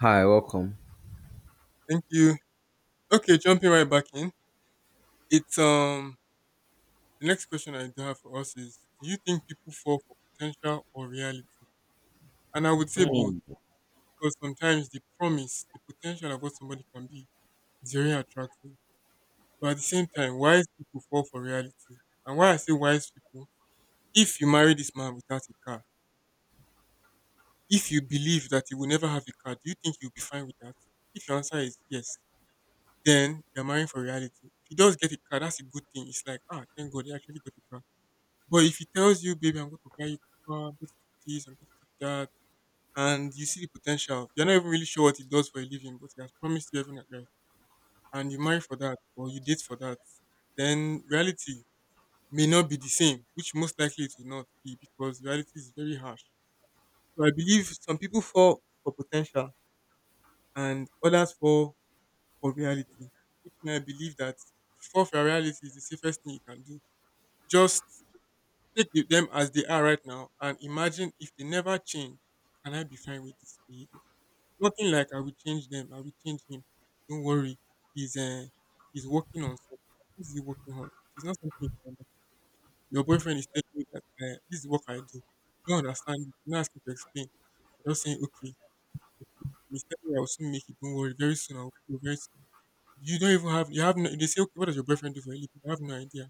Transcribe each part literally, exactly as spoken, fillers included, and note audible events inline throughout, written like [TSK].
Hi, welcome. Thank you. Okay, jumping right back in. It's um The next question I do have for us is do you think people fall for potential or reality? And I would say both Mm. because sometimes the promise, the potential of what somebody can be is very attractive. But at the same time, wise people fall for reality. And why I say wise people, if you marry this man without a car, if you believe that you will never have a car, do you think you'll be fine with that? If your answer is yes, then you're marrying for reality. If he does get a car, that's a good thing. It's like, ah, thank God he actually got a car. But if he tells you, "Baby, I'm going to buy you car, I'm going to do this, I'm going to do that," and you see the potential, you're not even really sure what he does for a living, but he has promised you heaven and earth, and you marry for that or you date for that, then reality may not be the same, which most likely it will not be because reality is very harsh. So I believe some people fall for potential and others fall for reality. Which may I believe that if you fall for reality is the safest thing you can do. Just take the- them as they are right now, and imagine if they never change, can I be fine with this behavior? Nothing like I will change them, I will change him. Don't worry. He's uh, he's working on something. What's he working on? It's not something you can understand. Your boyfriend is telling you that uh, this is what I do. You don't understand it. You're not asking to explain. You're just saying, okay, okay. And he's telling you I'll soon make it, don't worry, very soon I'll do very soon. You don't even have, you have no, they say, okay, what does your boyfriend do for a living? You have no idea.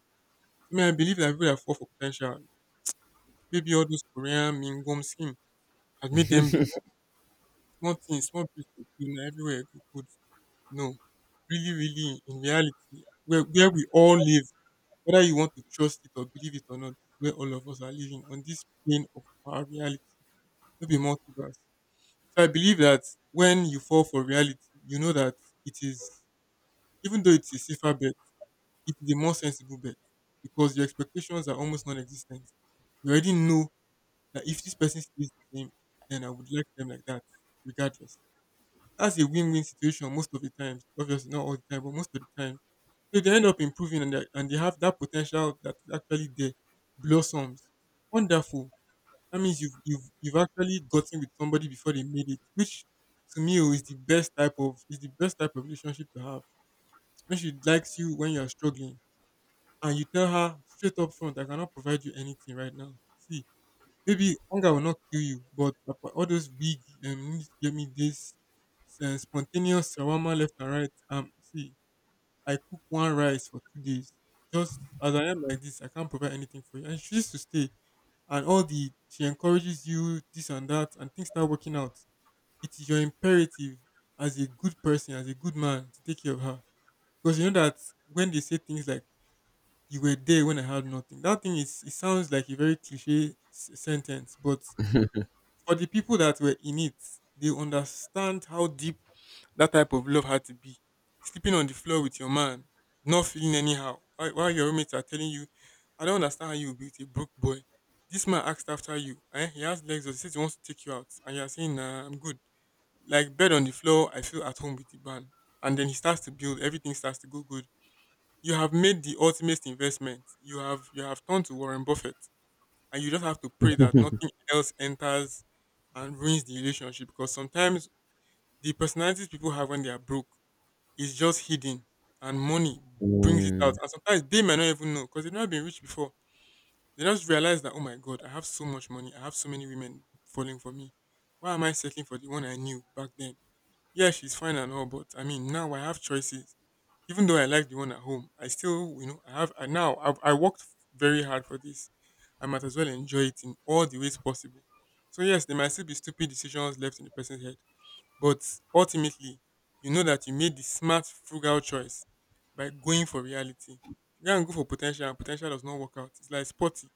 I mean I believe that people that fall for potential maybe all those Korean mingums, and made them be small things, small place to clean na everywhere go good. No, really, really, in reality, where where we all live, whether you want to trust it or believe it or not, where all of us are living on this plane of our reality, no be multiverse. So I believe that when you fall for reality, you know that it is, even though it's a safer bet, it is a more sensible bet because your expectations are almost non-existent. You already know that if this person stays the same, then I would like them like that, regardless. That's a win-win situation most of the times. Obviously, not all the time, but most of the times. So they end up improving and they, and they have that potential that is actually there, blossoms. Wonderful. That means you've you've you've actually gotten with somebody before they made it, which to me oh, is the best type of is the best type of relationship to have. When she likes you when you are struggling, and you tell her straight up front, I cannot provide you anything right now. See, maybe hunger will not kill you, but apa- all those big um, you need to get me this uh, spontaneous shawarma left and right. Um, see, I cook one rice for two days. Just as I am like this, I can't provide anything for you. And she used to stay, and all the she encourages you this and that, and things start working out. It is your imperative as a good person, as a good man, to take care of her because you know that when they say things like "you were there when I had nothing," that thing is it sounds like a very cliche s- sentence, but for the people that were in it, they understand how deep that type of love had to be. Sleeping on the floor with your man, not feeling anyhow, whi- while your roommates are telling you, I don't understand how you will be with a broke boy. This man asked after you. Eh? He has legs, or he says he wants to take you out. And you're saying, nah, I'm good. Like, bed on the floor, I feel at home with the man. And then he starts to build, everything starts to go good. You have made the ultimate investment. You have you have turned to Warren Buffett, and you just have to pray that nothing else enters and ruins the relationship because sometimes the personalities people have when they are broke is just hidden, and money brings it out, Mm, and sometimes they may not even know because they've not been rich before. They just realize that, oh my God, I have so much money. I have so many women falling for me. Why am I settling for the one I knew back then? Yeah, she's fine and all, but I mean, now I have choices. Even though I like the one at home, I still, you know, I have, I now, I've, I worked very hard for this. I might as well enjoy it in all the ways possible. So, yes, there might still be stupid decisions left in the person's head, but ultimately, you know that you made the smart, frugal choice by going for reality. You can go for potential, and potential does not work out. It's like sporty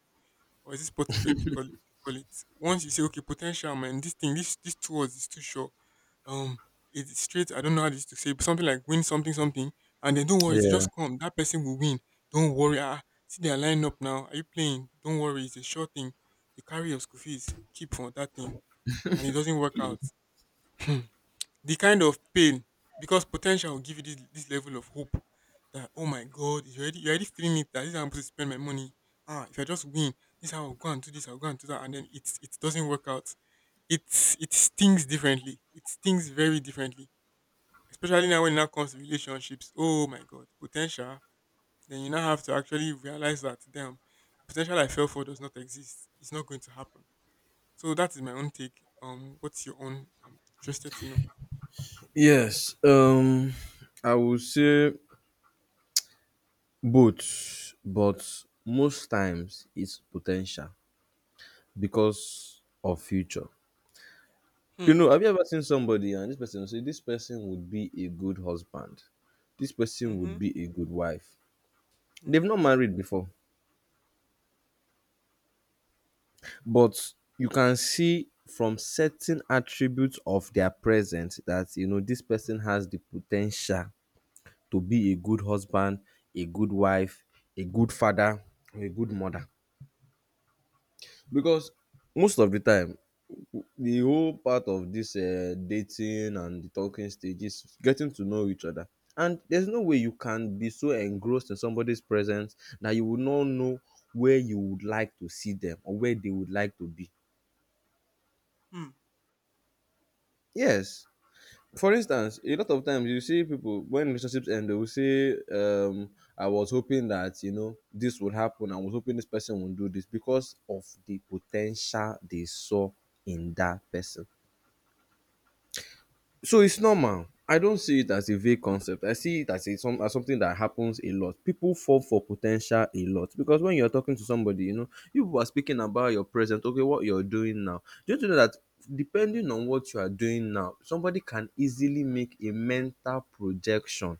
or is it spotty bed they call it, they call it. Once you say, okay, potential man, this thing, this this two words is too short. Um, it's straight. I don't know how this to say, but something like win something something, and then don't worry, it will yeah. just come. That person will win. Don't worry. Ah, see they are lining up now. Are you playing? Don't worry, it's a short thing. You carry your school fees, keep on that thing, and it doesn't work out. [LAUGHS] The kind of pain, because potential will give you this, this level of hope that oh my God, you're already, you're already feeling it that this is how I'm supposed to spend my money. Ah, if I just win, this is how I'll go and do this, I'll go and do that, and then it's it doesn't work out. It's it stings differently, it stings very differently, especially now when it now comes to relationships. Oh my God, potential. Then you now have to actually realize that damn, the potential I fell for does not exist. It's not going to happen. So that is my own take. Um what's your own? I'm interested to know. Yes. Um, I would say both, but most times it's potential because of future. You Hmm. know, have you ever seen somebody and this person say this person would be a good husband, this person Mm-hmm. would be a good wife. They've Mm-hmm. not married before, but you can see from certain attributes of their present that you know this person has the potential to be a good husband, a good wife, a good father, or a good mother. Because most of the time, w- the whole part of this uh, dating and the talking stage is getting to know each other. And there's no way you can be so engrossed in somebody's presence that you will not know where you would like to see them or where they would like to be. Hmm. Yes, for instance, a lot of times you see people when relationships end they will say um I was hoping that, you know, this would happen. I was hoping this person would do this because of the potential they saw in that person. So it's normal. I don't see it as a vague concept. I see it as a some as something that happens a lot. People fall for potential a lot because when you're talking to somebody, you know, you people are speaking about your present, okay, what you're doing now. Do you know that depending on what you are doing now, somebody can easily make a mental projection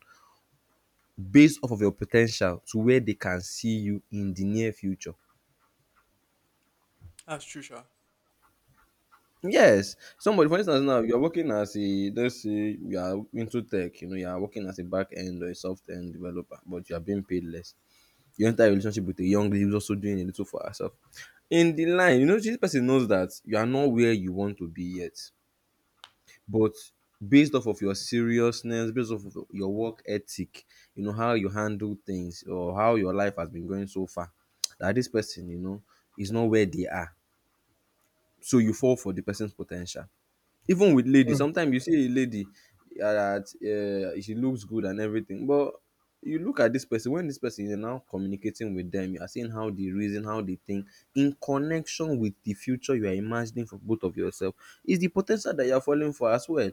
based off of your potential to where they can see you in the near future. That's true, Sha. Yes, somebody, for instance, now you're working as a, let's say you are into tech, you know, you are working as a back end or a soft end developer, but you are being paid less. You enter a relationship with a young lady who's also doing a little for herself. In the line, you know, this person knows that you are not where you want to be yet, but based off of your seriousness, based off of your work ethic, you know, how you handle things or how your life has been going so far, that this person, you know, is not where they are. So you fall for the person's potential. Even with lady, Hmm. sometimes you see a lady uh, that, uh, she looks good and everything, but you look at this person when this person is now communicating with them, you are seeing how they reason, how they think in connection with the future you are imagining for both of yourself is the potential that you are falling for as well.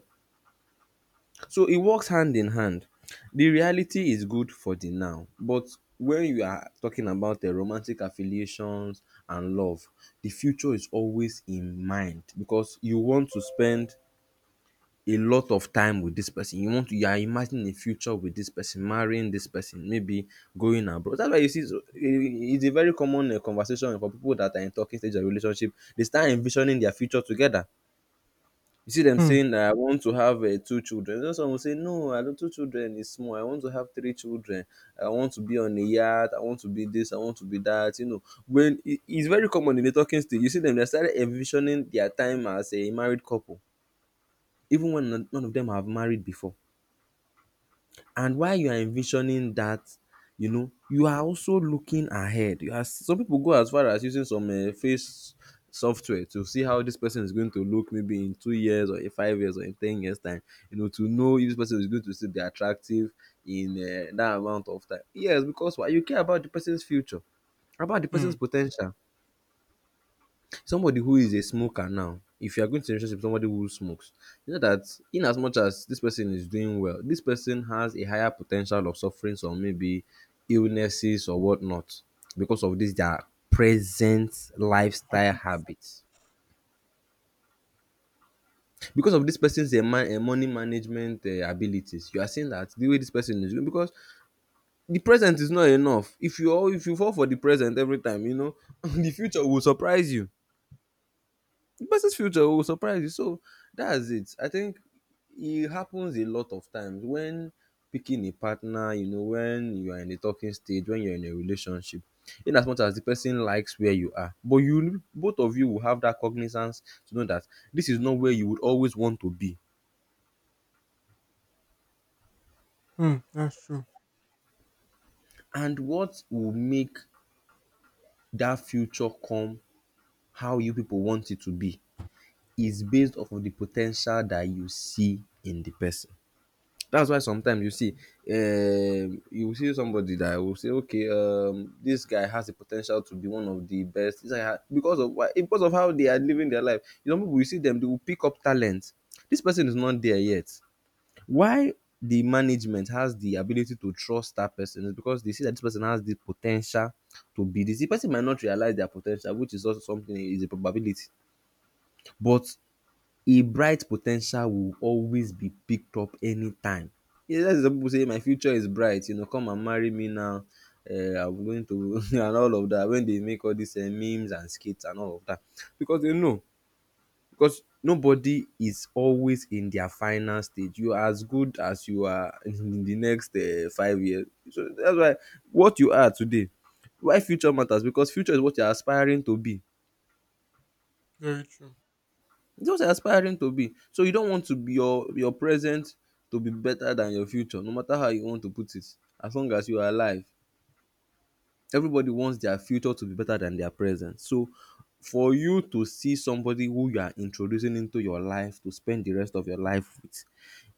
So it works hand in hand. The reality is good for the now, but when you are talking about the romantic affiliations and love, the future is always in mind because you want to spend a lot of time with this person. You want to, you are imagining a future with this person, marrying this person, maybe going abroad. That's why you see, so i- i- it's a very common um conversation for people that are in talking stage of relationship. They start envisioning their future together. You see them Hmm. saying, I want to have um two children. You know, some will say, no, I don't, two children is small, I want to have three children. I want to be on a yacht, I want to be this, I want to be that. You know, when it, it's very common in the talking stage, you see them, they started envisioning their time as a married couple, even when none none of them have married before. And while you are envisioning that, you know, you are also looking ahead. You are, some people go as far as using some um face software to see how this person is going to look maybe in two years or in five years or in ten years time. You know, to know if this person is going to still be attractive in um that amount of time. Yes, because why, you care about the person's future, about the Hmm. person's potential. Somebody who is a smoker now, if you are going to a relationship with somebody who smokes, you know that in as much as this person is doing well, this person has a higher potential of suffering some maybe illnesses or whatnot because of this their present lifestyle Habit. habits. Because of this person's eh, man, eh, money management uh, abilities, you are seeing that the way this person is doing, because the present is not enough. If you all, if you fall for the present every time, you know [LAUGHS] the future will surprise you. The person's future will surprise you. So that's it. I think it happens a lot of times when picking a partner, you know, when you are in a talking stage, when you're in a relationship, in as much as the person likes where you are, but you, both of you will have that cognizance to know that this is not where you would always want to be. Hmm. That's true. And what will make that future come how you people want it to be is based off of the potential that you see in the person. That's why sometimes you see, um you will see somebody that will say, okay, um this guy has the potential to be one of the best. This guy ha- because of why? Because of how they are living their life, you know, people, you see them, they will pick up talent. This person is not there yet. Why? The management has the ability to trust that person is because they see that this person has the potential to be this. The person might not realize their potential, which is also something, is a probability, but e bright po ten tial will always be picked up anytime. E get some pipu sey my future is bright, you know, come and marry me now, um I'm going to [LAUGHS] and all of dat. When dey make all dis um memes and skits and all of dat, because dey know, because Hmm. nobody is always in their final stage. You are as good as you are [LAUGHS] in the next um five years. So dats why what you are today, why future matters, because future is what you are aspiring to be. Very true. Just aspiring to be. So you don't want to be your your present to be better than your future, no matter how you want to put it. As long as you are alive, everybody wants their future to be better than their present. So for you to see somebody who you are introducing into your life to spend the rest of your life with,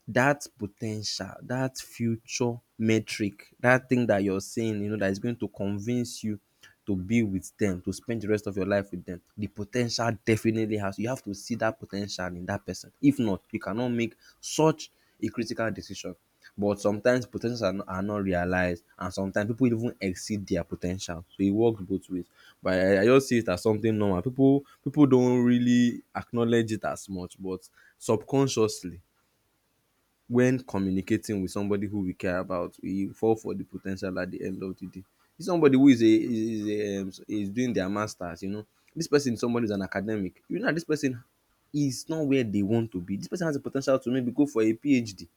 that potential, that future metric, that thing that you're saying, you know, that is going to convince you to be with them, to spend the rest of your life with them, the potential definitely has. You have to see that potential in that person. If not, you cannot make such a critical decision. But sometimes po are not, are not realized, and sometimes people even exceed their potential. So it works both ways. But I, I just see it as something normal. People people don't really acknowledge it as much, but subconsciously when communicating with somebody who we care about, we fall for the potential at the end of the day. This somebody who is a is a um, is doing their masters, you know, this person, somebody is an academic. You know that this person is not where they want to be. This person has a potential to maybe go for a PhD.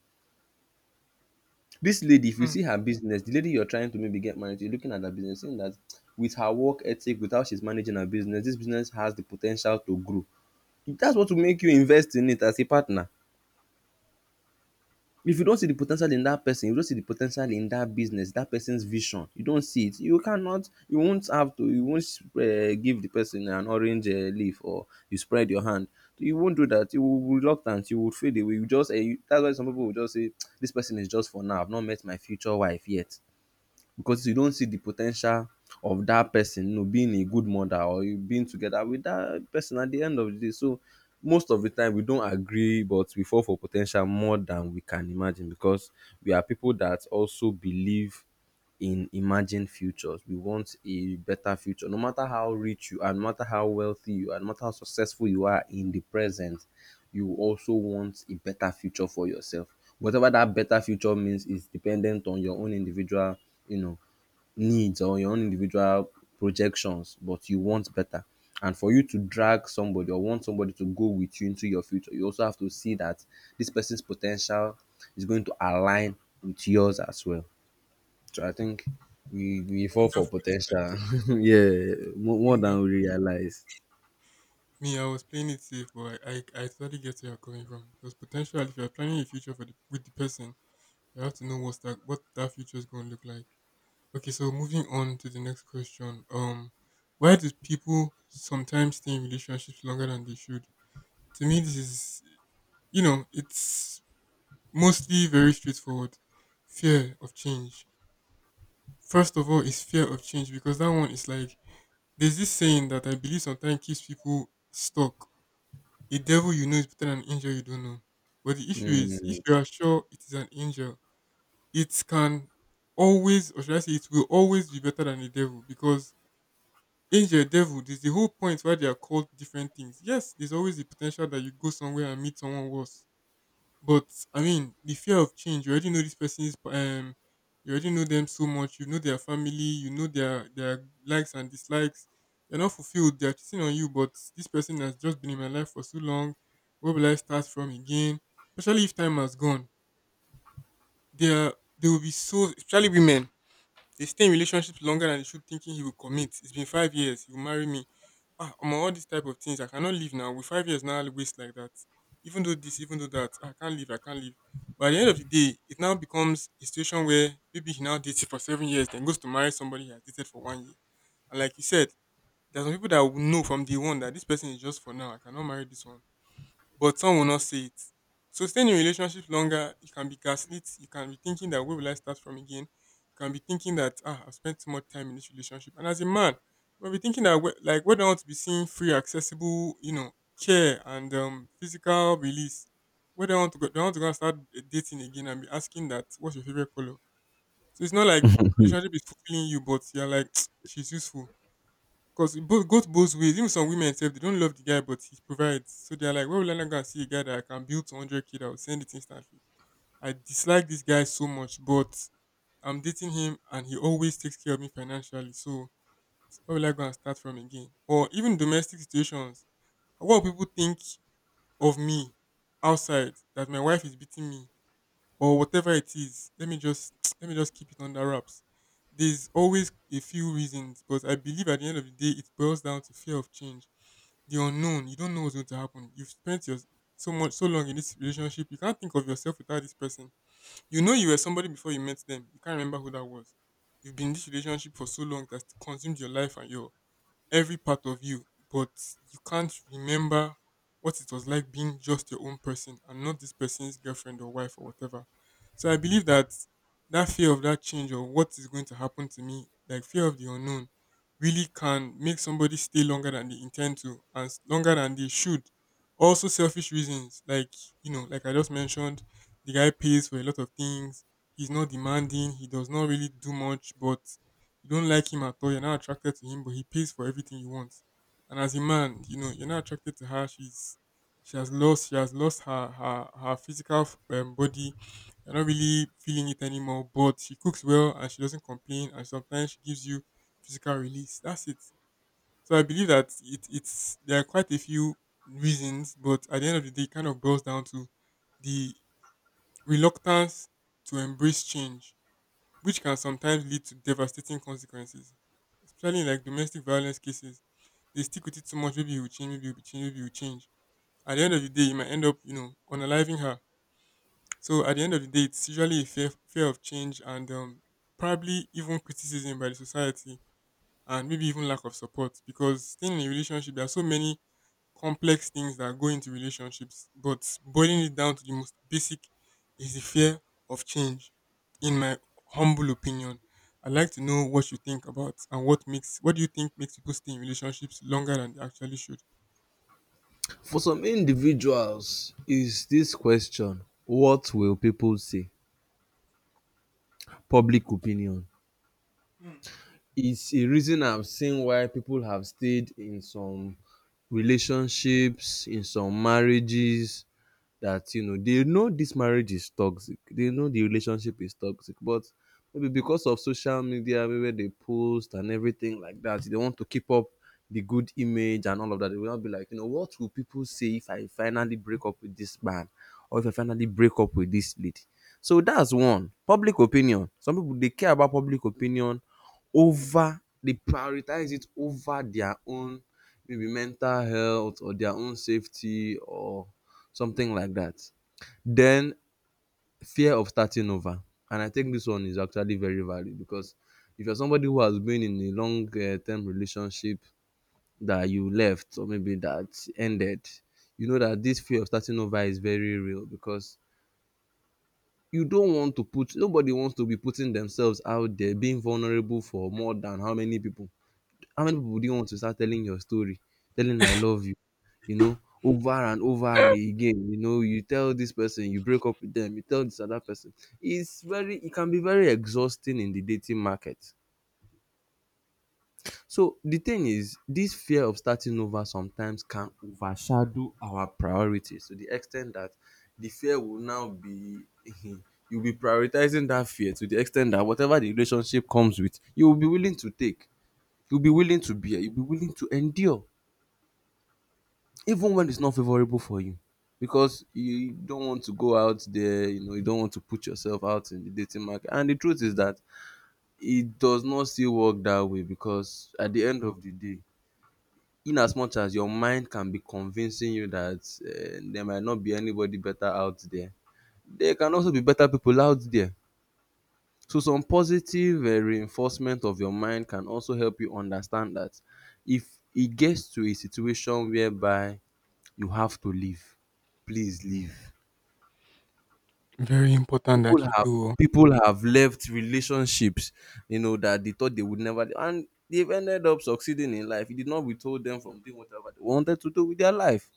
This lady, if you Hmm. see her business, the lady you're trying to maybe get married to, you're looking at her business, saying that with her work ethic, with how she's managing her business, this business has the potential to grow. That's what will make you invest in it as a partner. If you don see the po ten tial in dat person, you don see the po ten tial in dat business, dat person's vision, you don see it, you cannot, you won't have to, you won't um give the person an orange um leaf or you spread your hand. You won't do dat. You will be reluctant, you will fade away, you just um dats why some people will just say dis person is just for now, I've not met my future wife yet. Because you don't see the potential of that person, you know, being a good mother or you being together with that person at the end of the day. So most of the time we don't agree, but we fall for potential more than we can imagine, because we are people that also believe in imagined futures. We want a better future. No matter how rich you are, no matter how wealthy you are, no matter how successful you are in the present, you also want a better future for yourself. Whatever that better future means is dependent on your own individual, you know, needs or your own individual projections, but you want better. And for you to drag somebody or want somebody to go with you into your future, you also have to see that this person's potential is going to align with yours as well. So I think we we fall for Wonderfully said. potential, [LAUGHS] yeah, more, more Wonderful. than we realize. Me, I was playing it safe, but I, I, I totally get where you're coming from because potentially, if you're planning a future for the, with the person, you have to know what's that what that future is going to look like. Okay, so moving on to the next question. Um, why do people sometimes stay in relationships longer than they should? To me, this is you know it's mostly very straightforward. Fear of change. First of all, is fear of change because that one is like there's this saying that I believe sometimes keeps people stuck. A devil you know is better than an angel you don't know. But the issue is, if Mm. you are sure it is an angel, it can always, or should I say, it will always be better than a devil because angel, devil, there's the whole point why they are called different things. Yes, there's always the potential that you go somewhere and meet someone worse. But I mean, the fear of change. You already know this person's. Um, you already know them so much. You know their family. You know their their likes and dislikes. They're not fulfilled. They're cheating on you. But this person has just been in my life for so long. Where will I start from again? Especially if time has gone. They are. They will be so. Especially women, they stay in relationships longer than they should, thinking he will commit. It's been five years. He will marry me. Ah, omo, all these type of things. I cannot live now. With five years now, I'll waste like that. Even though this, even though that, I can't live. I can't live. But at the end of the day, it now becomes a situation where maybe he now dates for seven years, then goes to marry somebody he has dated for one year. And like you said, there's some people that will know from day one that this person is just for now. I cannot marry this one, but some will not see it. So staying in relationships longer, you can be gaslit. You can be thinking that where will I start from again? You can be thinking that ah, I've spent too much time in this relationship. And as a man, you might be thinking that we- like, do I want to be seeing free, accessible, you know, care and um, physical release. Where do I want to go? Do I want to go and start dating again and be asking that what's your favorite color? So it's not like the relationship is fulfilling you, but you're like [TSK] she's useful because it both goes both ways. Even some women say they don't love the guy, but he provides. So they're like, why will I not go and see a guy that I can build 100k k that will send it instantly? I dislike this guy so much, but I'm dating him and he always takes care of me financially. So why will I go and start from again? Or even domestic situations. What will people think of me outside that my wife is beating me? Or whatever it is, let me just [TSK] let me just keep it under wraps. There's always a few reasons, but I believe at the end of the day it boils down to fear of change, the unknown. You don't know what's going to happen. You've spent your so much so long in this relationship, you can't think of yourself without this person. You know, you were somebody before you met them, you can't remember who that was. You've been in this relationship for so long that consumed your life and your every part of you, but you can't remember what it was like being just your own person and not this person's girlfriend or wife or whatever. So I believe that that fear of that change or what is going to happen to me, like fear of the unknown, really can make somebody stay longer than they intend to and s- longer than they should. Also, selfish reasons, like, you know, like I just mentioned, the guy pays for a lot of things. He's not demanding. He does not really do much, but you don't like him at all. You're not attracted to him, but he pays for everything you want. And as a man, you know you're not attracted to her. She's she has lost she has lost her her her physical um, body. You're not really feeling it anymore. But she cooks well and she doesn't complain. And sometimes she gives you physical release. That's it. So I believe that it it's there are quite a few reasons, but at the end of the day, it kind of boils down to the reluctance to embrace change, which can sometimes lead to devastating consequences, especially in like domestic violence cases. They stick with it too much. Maybe he will change, maybe he will change, maybe he will change. At the end of the day, you might end up, you know, unaliving her. So at the end of the day, it's usually a fear, fear of change and um, probably even criticism by the society and maybe even lack of support, because staying in a relationship, there are so many complex things that go into relationships, but boiling it down to the most basic is the fear of change, in my humble opinion. I'd like to know what you think about and what makes what do you think makes people stay in relationships longer than they actually should? For some individuals, is this question, what will people say? Public opinion. It's a reason I've seen why people have stayed in some relationships, in some marriages, that you know they know this marriage is toxic, they know the relationship is toxic, but maybe because of social media, maybe where they post and everything like that, they want to keep up the good image and all of that. They will not be like, you know, what will people say if I finally break up with this man or if I finally break up with this lady? So that's one: public opinion. Some people, they care about public opinion over. They prioritize it over their own maybe mental health or their own safety or something like that. Then fear of starting over, and I think this one is actually very valid because if you're somebody who has been in a long uh, term relationship that you left or maybe that ended, you know that this fear of starting over is very real because you don't want to put, nobody wants to be putting themselves out there being vulnerable for more than how many people. How many people do you want to start telling your story? Telling I love you, you know, over and over and again. You know, you tell this person, you break up with them, you tell this other person. It's very, it can be very exhausting in the dating market. So the thing is, this fear of starting over sometimes can overshadow our priorities to the extent that the fear will now be [LAUGHS] you'll be prioritizing that fear to the extent that whatever the relationship comes with, you'll be willing to take, you'll be willing to bear, you'll be willing to endure, even when it's not favorable for you, because you don't want to go out there, you know, you don't want to put yourself out in the dating market. And the truth is that it does not still work that way, because at the end of the day, in as much as your mind can be convincing you that uh, there might not be anybody better out there, there can also be better people out there. So some positive uh, reinforcement of your mind can also help you understand that if it gets to a situation whereby you have to leave, please leave. Very important People that you have, do. Oh. people have left relationships, you know, that they thought they would never, and they've ended up succeeding in life. It did not withhold them from doing whatever they wanted to do with their life.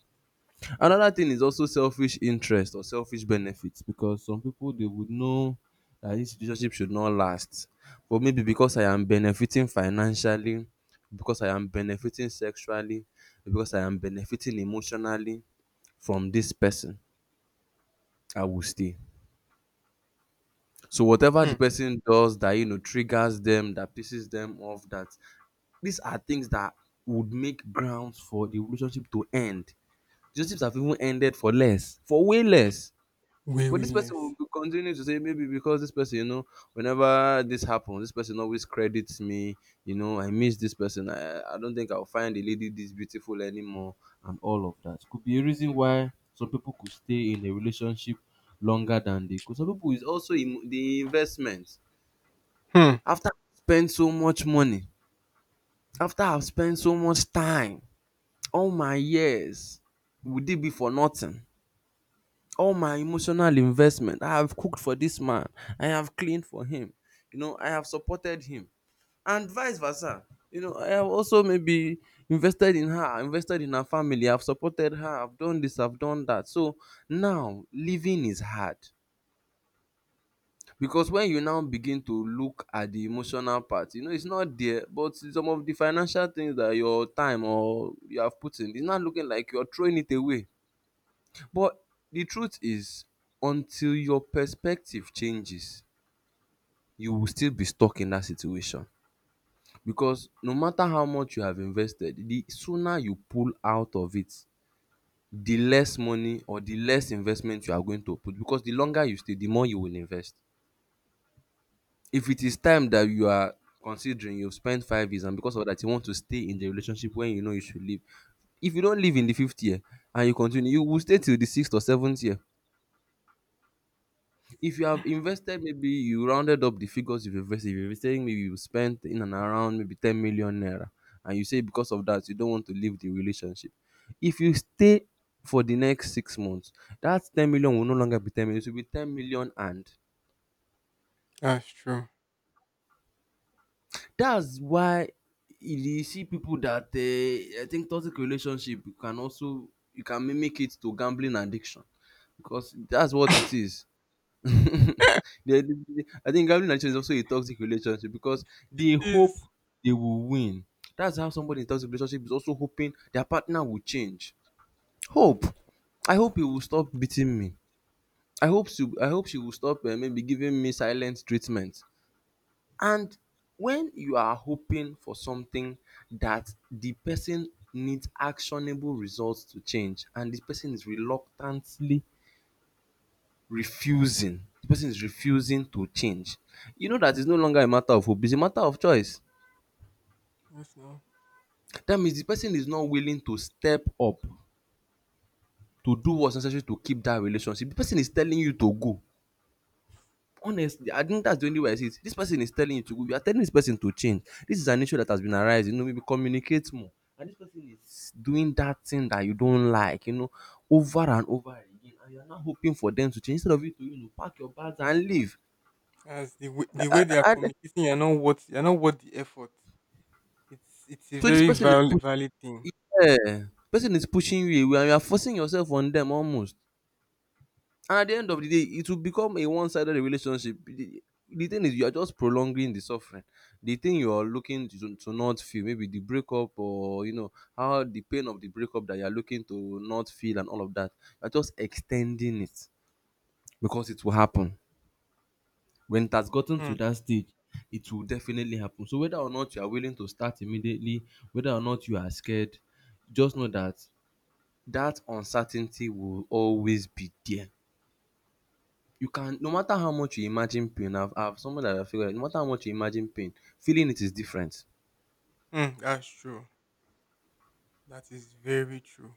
Another thing is also selfish interest or selfish benefits, because some people, they would know that this relationship should not last. But maybe because I am benefiting financially, because I am benefiting sexually, because I am benefiting emotionally from this person, I will stay. So whatever the Hmm. person does that you know triggers them, that pisses them off, that, these are things that would make grounds for the relationship to end. Relationships have even ended for less, for way less. Way, But way this person will less. be continuing to say maybe because this person, you know, whenever this happens, this person always credits me. You know, I miss this person. I I don't think I'll find a lady this beautiful anymore, and all of that could be a reason why some people could stay in a relationship longer than they could. Some people is also em- the investment. Hmm. After I spend so much money, after I've spent so much time, all my years, would it be for nothing? All my emotional investment, I have cooked for this man, I have cleaned for him, you know, I have supported him, and vice versa. You know, I have also maybe invested in her, invested in her family, I've supported her, I've done this, I've done that. So now living is hard, because when you now begin to look at the emotional part, you know it's not there, but some of the financial things that your time or you have put in, it's not looking like you're throwing it away. But the truth is, until your perspective changes, you will still be stuck in that situation. Because no matter how much you have invested, the sooner you pull out of it, the less money or the less investment you are going to put. Because the longer you stay, the more you will invest. If it is time that you are considering, you've spent five years, and because of that you want to stay in the relationship when you know you should leave, if you don't leave in the fifth year and you continue, you will stay till the sixth or seventh year. If you have invested, maybe you rounded up the figures you've invested, if you're saying maybe you spent in and around maybe ten million naira, and you say because of that you don't want to leave the relationship, if you stay for the next six months, that ten million will no longer be ten million, it will be ten million and, That's true. that's why you see people that uh, I think toxic relationship, you can also, you can mimic it to gambling addiction, because that's what it is. [LAUGHS] They- they- they- I think gambling addiction is also a toxic relationship because It they hope is. they will win. That's how somebody in toxic relationship is also hoping their partner will change. Hope. I hope he will stop beating me. I hope she, I hope she will stop uh, maybe giving me silent treatment. And when you are hoping for something that the person needs actionable results to change, and the person is reluctantly refusing, the person is refusing to change, you know that it's no longer a matter of hope, it's a matter of choice. Yes, no. That means the person is not willing to step up to do what's necessary to keep that relationship. The person is telling you to go. Honestly, I think that's the only way I see it. This person is telling you to go, you are telling this person to change, this is an issue that has been arising, you know, maybe communicate more, and this person is doing that thing that you don't like, you know, over and over again, and you're not hoping for them to change, instead of you to, you know, pack your bags and leave. As the way, I, the way I, they are I- communicating, you're not worth you're not worth the effort. It's it's a so this very person is valid pu- valid thing. yeah, person is pushing you away and you are forcing yourself on them almost, and at the end of the day it will become a one-sided relationship. The, the thing is, you are just prolonging the suffering. The thing you are looking to, to, not feel maybe the breakup, or you know how the pain of the breakup that you are looking to not feel and all of that, you're just extending it, because it will happen. When it has gotten to Hmm. that stage, it will definitely happen. So whether or not you are willing to start immediately, whether or not you are scared, just know that that uncertainty will always be there. You can, no matter how much you imagine pain, i've i've someone that I figured out, no matter how much you imagine pain, feeling it is different. Hmm. That's true. That is very true.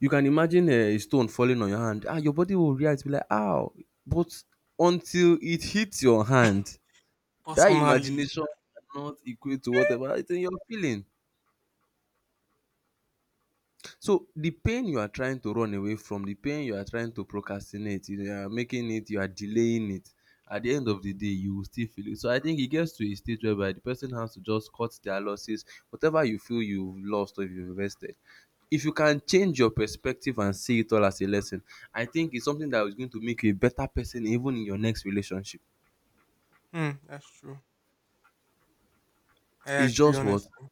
You can imagine a stone falling on your hand, ah, your body will react, be like ow, but until it hits your hand, that Personally, imagination cannot equate to whatever it's in your feeling. So the pain you are trying to run away from, the pain you are trying to procrastinate, you are making it, you are delaying it. At the end of the day, you will still feel it. So I think it gets to a stage whereby the person has to just cut their losses, whatever you feel you've lost or you've invested. If you can change your perspective and see it all as a lesson, I think it's something that is going to make you a better person even in your next relationship. hmm, that's true. I It's agree, just what, honestly.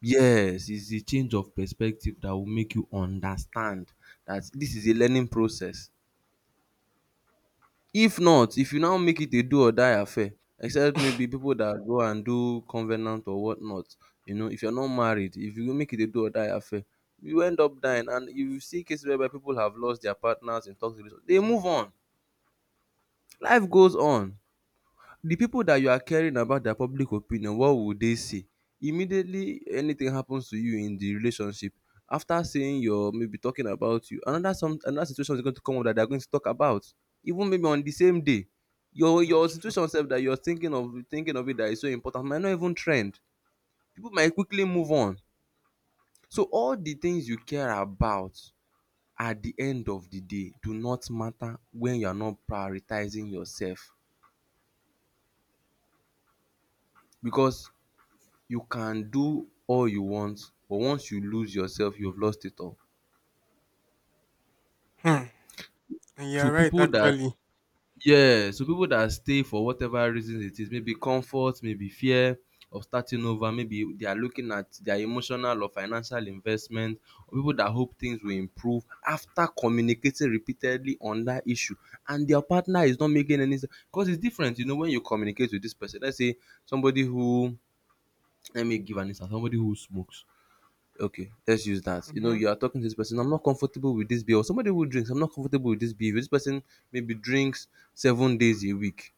yes, it's the change of perspective that will make you understand that this is a learning process. If not, if you now make it a do or die affair, except maybe people that go and do covenant or whatnot, you know, if you're not married, if you make it a do or die affair, you end up dying. And you see cases whereby people have lost their partners in toxic relationship, they move on. Life goes on. The people that you are caring about their public opinion, what would they say? Immediately anything happens to you in the relationship, after saying your maybe talking about you, another, some another situation is going to come up that they are going to talk about, even maybe on the same day. Your your That's true. situation sef that you are thinking of thinking of it, that is so important, might not even trend. People might quickly move on. So all the things you care about at the end of the day do not matter when you are not prioritizing yourself. Because you can do all you want, but once you lose yourself, you've lost it all. Hmm. And So you're right, people that actually. yeah, so people that stay for whatever reason it is, maybe comfort, maybe fear of starting over, maybe they are looking at their emotional or financial investment, or people that hope things will improve after communicating repeatedly on that issue and their partner is not making any sense. Because it's different, you know, when you communicate with this person. Let's say somebody who, let me give an instance, somebody who smokes. Okay, let's use that. You know, Hmm. you are talking to this person. I'm not comfortable with this beer. Or somebody who drinks. I'm not comfortable with this beer. This person maybe drinks seven days a week.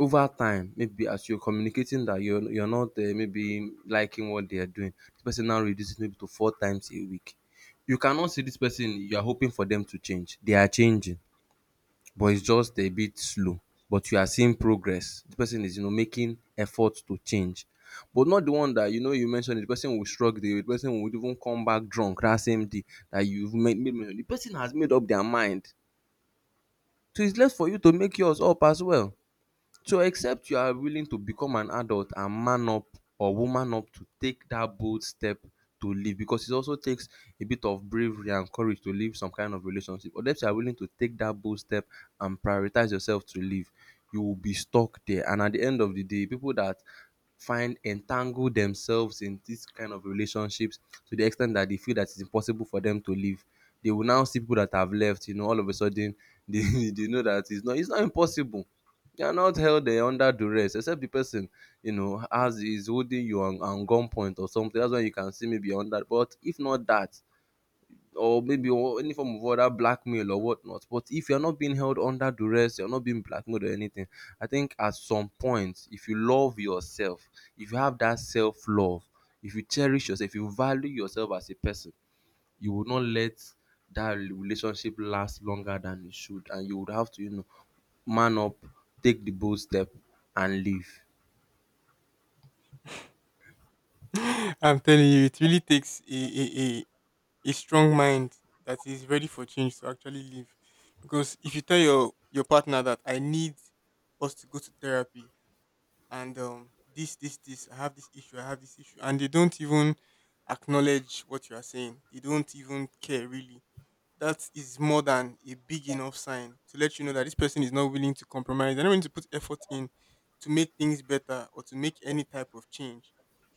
Over time, maybe as you're communicating that you're you're not uh, maybe liking what they are doing, this person now reduces maybe to four times a week. You cannot see this person. You are hoping for them to change. They are changing, but it's just a bit slow, but you are seeing progress. The person is, you know, making effort to change. But not the one that, you know, you mentioned, the person will shrug, the person would even come back drunk that same day that you've made made mention. The person has made up their mind. So it's left for you to make yours up as well. So except you are willing to become an adult and man up or woman up to take that bold step to live, because it also takes a bit of bravery and courage to leave some kind of relationship. Unless you are willing to take that bold step and prioritize yourself to live, you will be stuck there. And at the end of the day, people that find entangle themselves in this kind of relationships to the extent that they feel that it's impossible for them to live. They will now see people that have left, you know, all of a sudden they, [LAUGHS] they know that it's not it's not impossible. You are not held there under duress, except the person, you know, has is holding you on on gunpoint or something, that's when you can see, maybe under, but if not that, or maybe or any form of other blackmail or whatnot. But if you're not being held under duress, you're not being blackmailed or anything, I think at some point, if you love yourself, if you have that self love, if you cherish yourself, if you value yourself as a person, you would not let that relationship last longer than it should, and you would have to, you know, man up, take the bold step, and leave. [LAUGHS] I'm telling you, it really takes a, a, a, a strong mind that is ready for change to actually live. Because if you tell your, your partner that I need us to go to therapy and um, this, this, this, I have this issue, I have this issue, and they don't even acknowledge what you are saying, they don't even care really, that is more than a big enough sign to let you know that this person is not willing to compromise. They're not willing to put effort in to make things better or to make any type of change.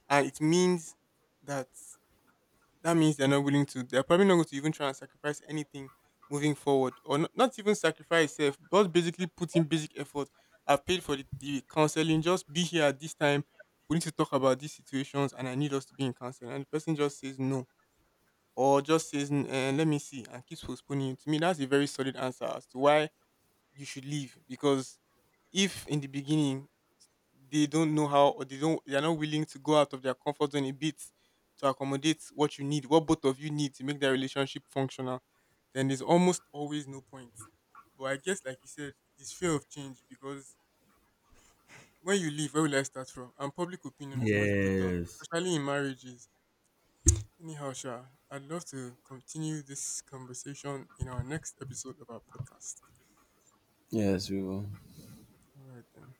And it means that that means they're not willing to. They're probably not going to even try and sacrifice anything moving forward, or not, not even sacrifice itself, but basically put in basic effort. I've paid for the, the counseling. Just be here at this time. We need to talk about these situations, and I need us to be in counseling. And the person just says no or just says, "N- eh, let me see," and keeps postponing it, to me, that's a very solid answer as to why you should leave. Because if in the beginning they don't know how, or they don't, they are not willing to go out of their comfort zone a bit to accommodate what you need, what both of you need to make their relationship functional, then there's almost always no point. But I guess, like you said, it's fear of change, because when you leave, where will I start from? And public opinion is always brutal, Yes. especially in marriages. Anyhow, Sha, I'd love to continue this conversation in our next episode of our podcast. Yes, we will. All right, then.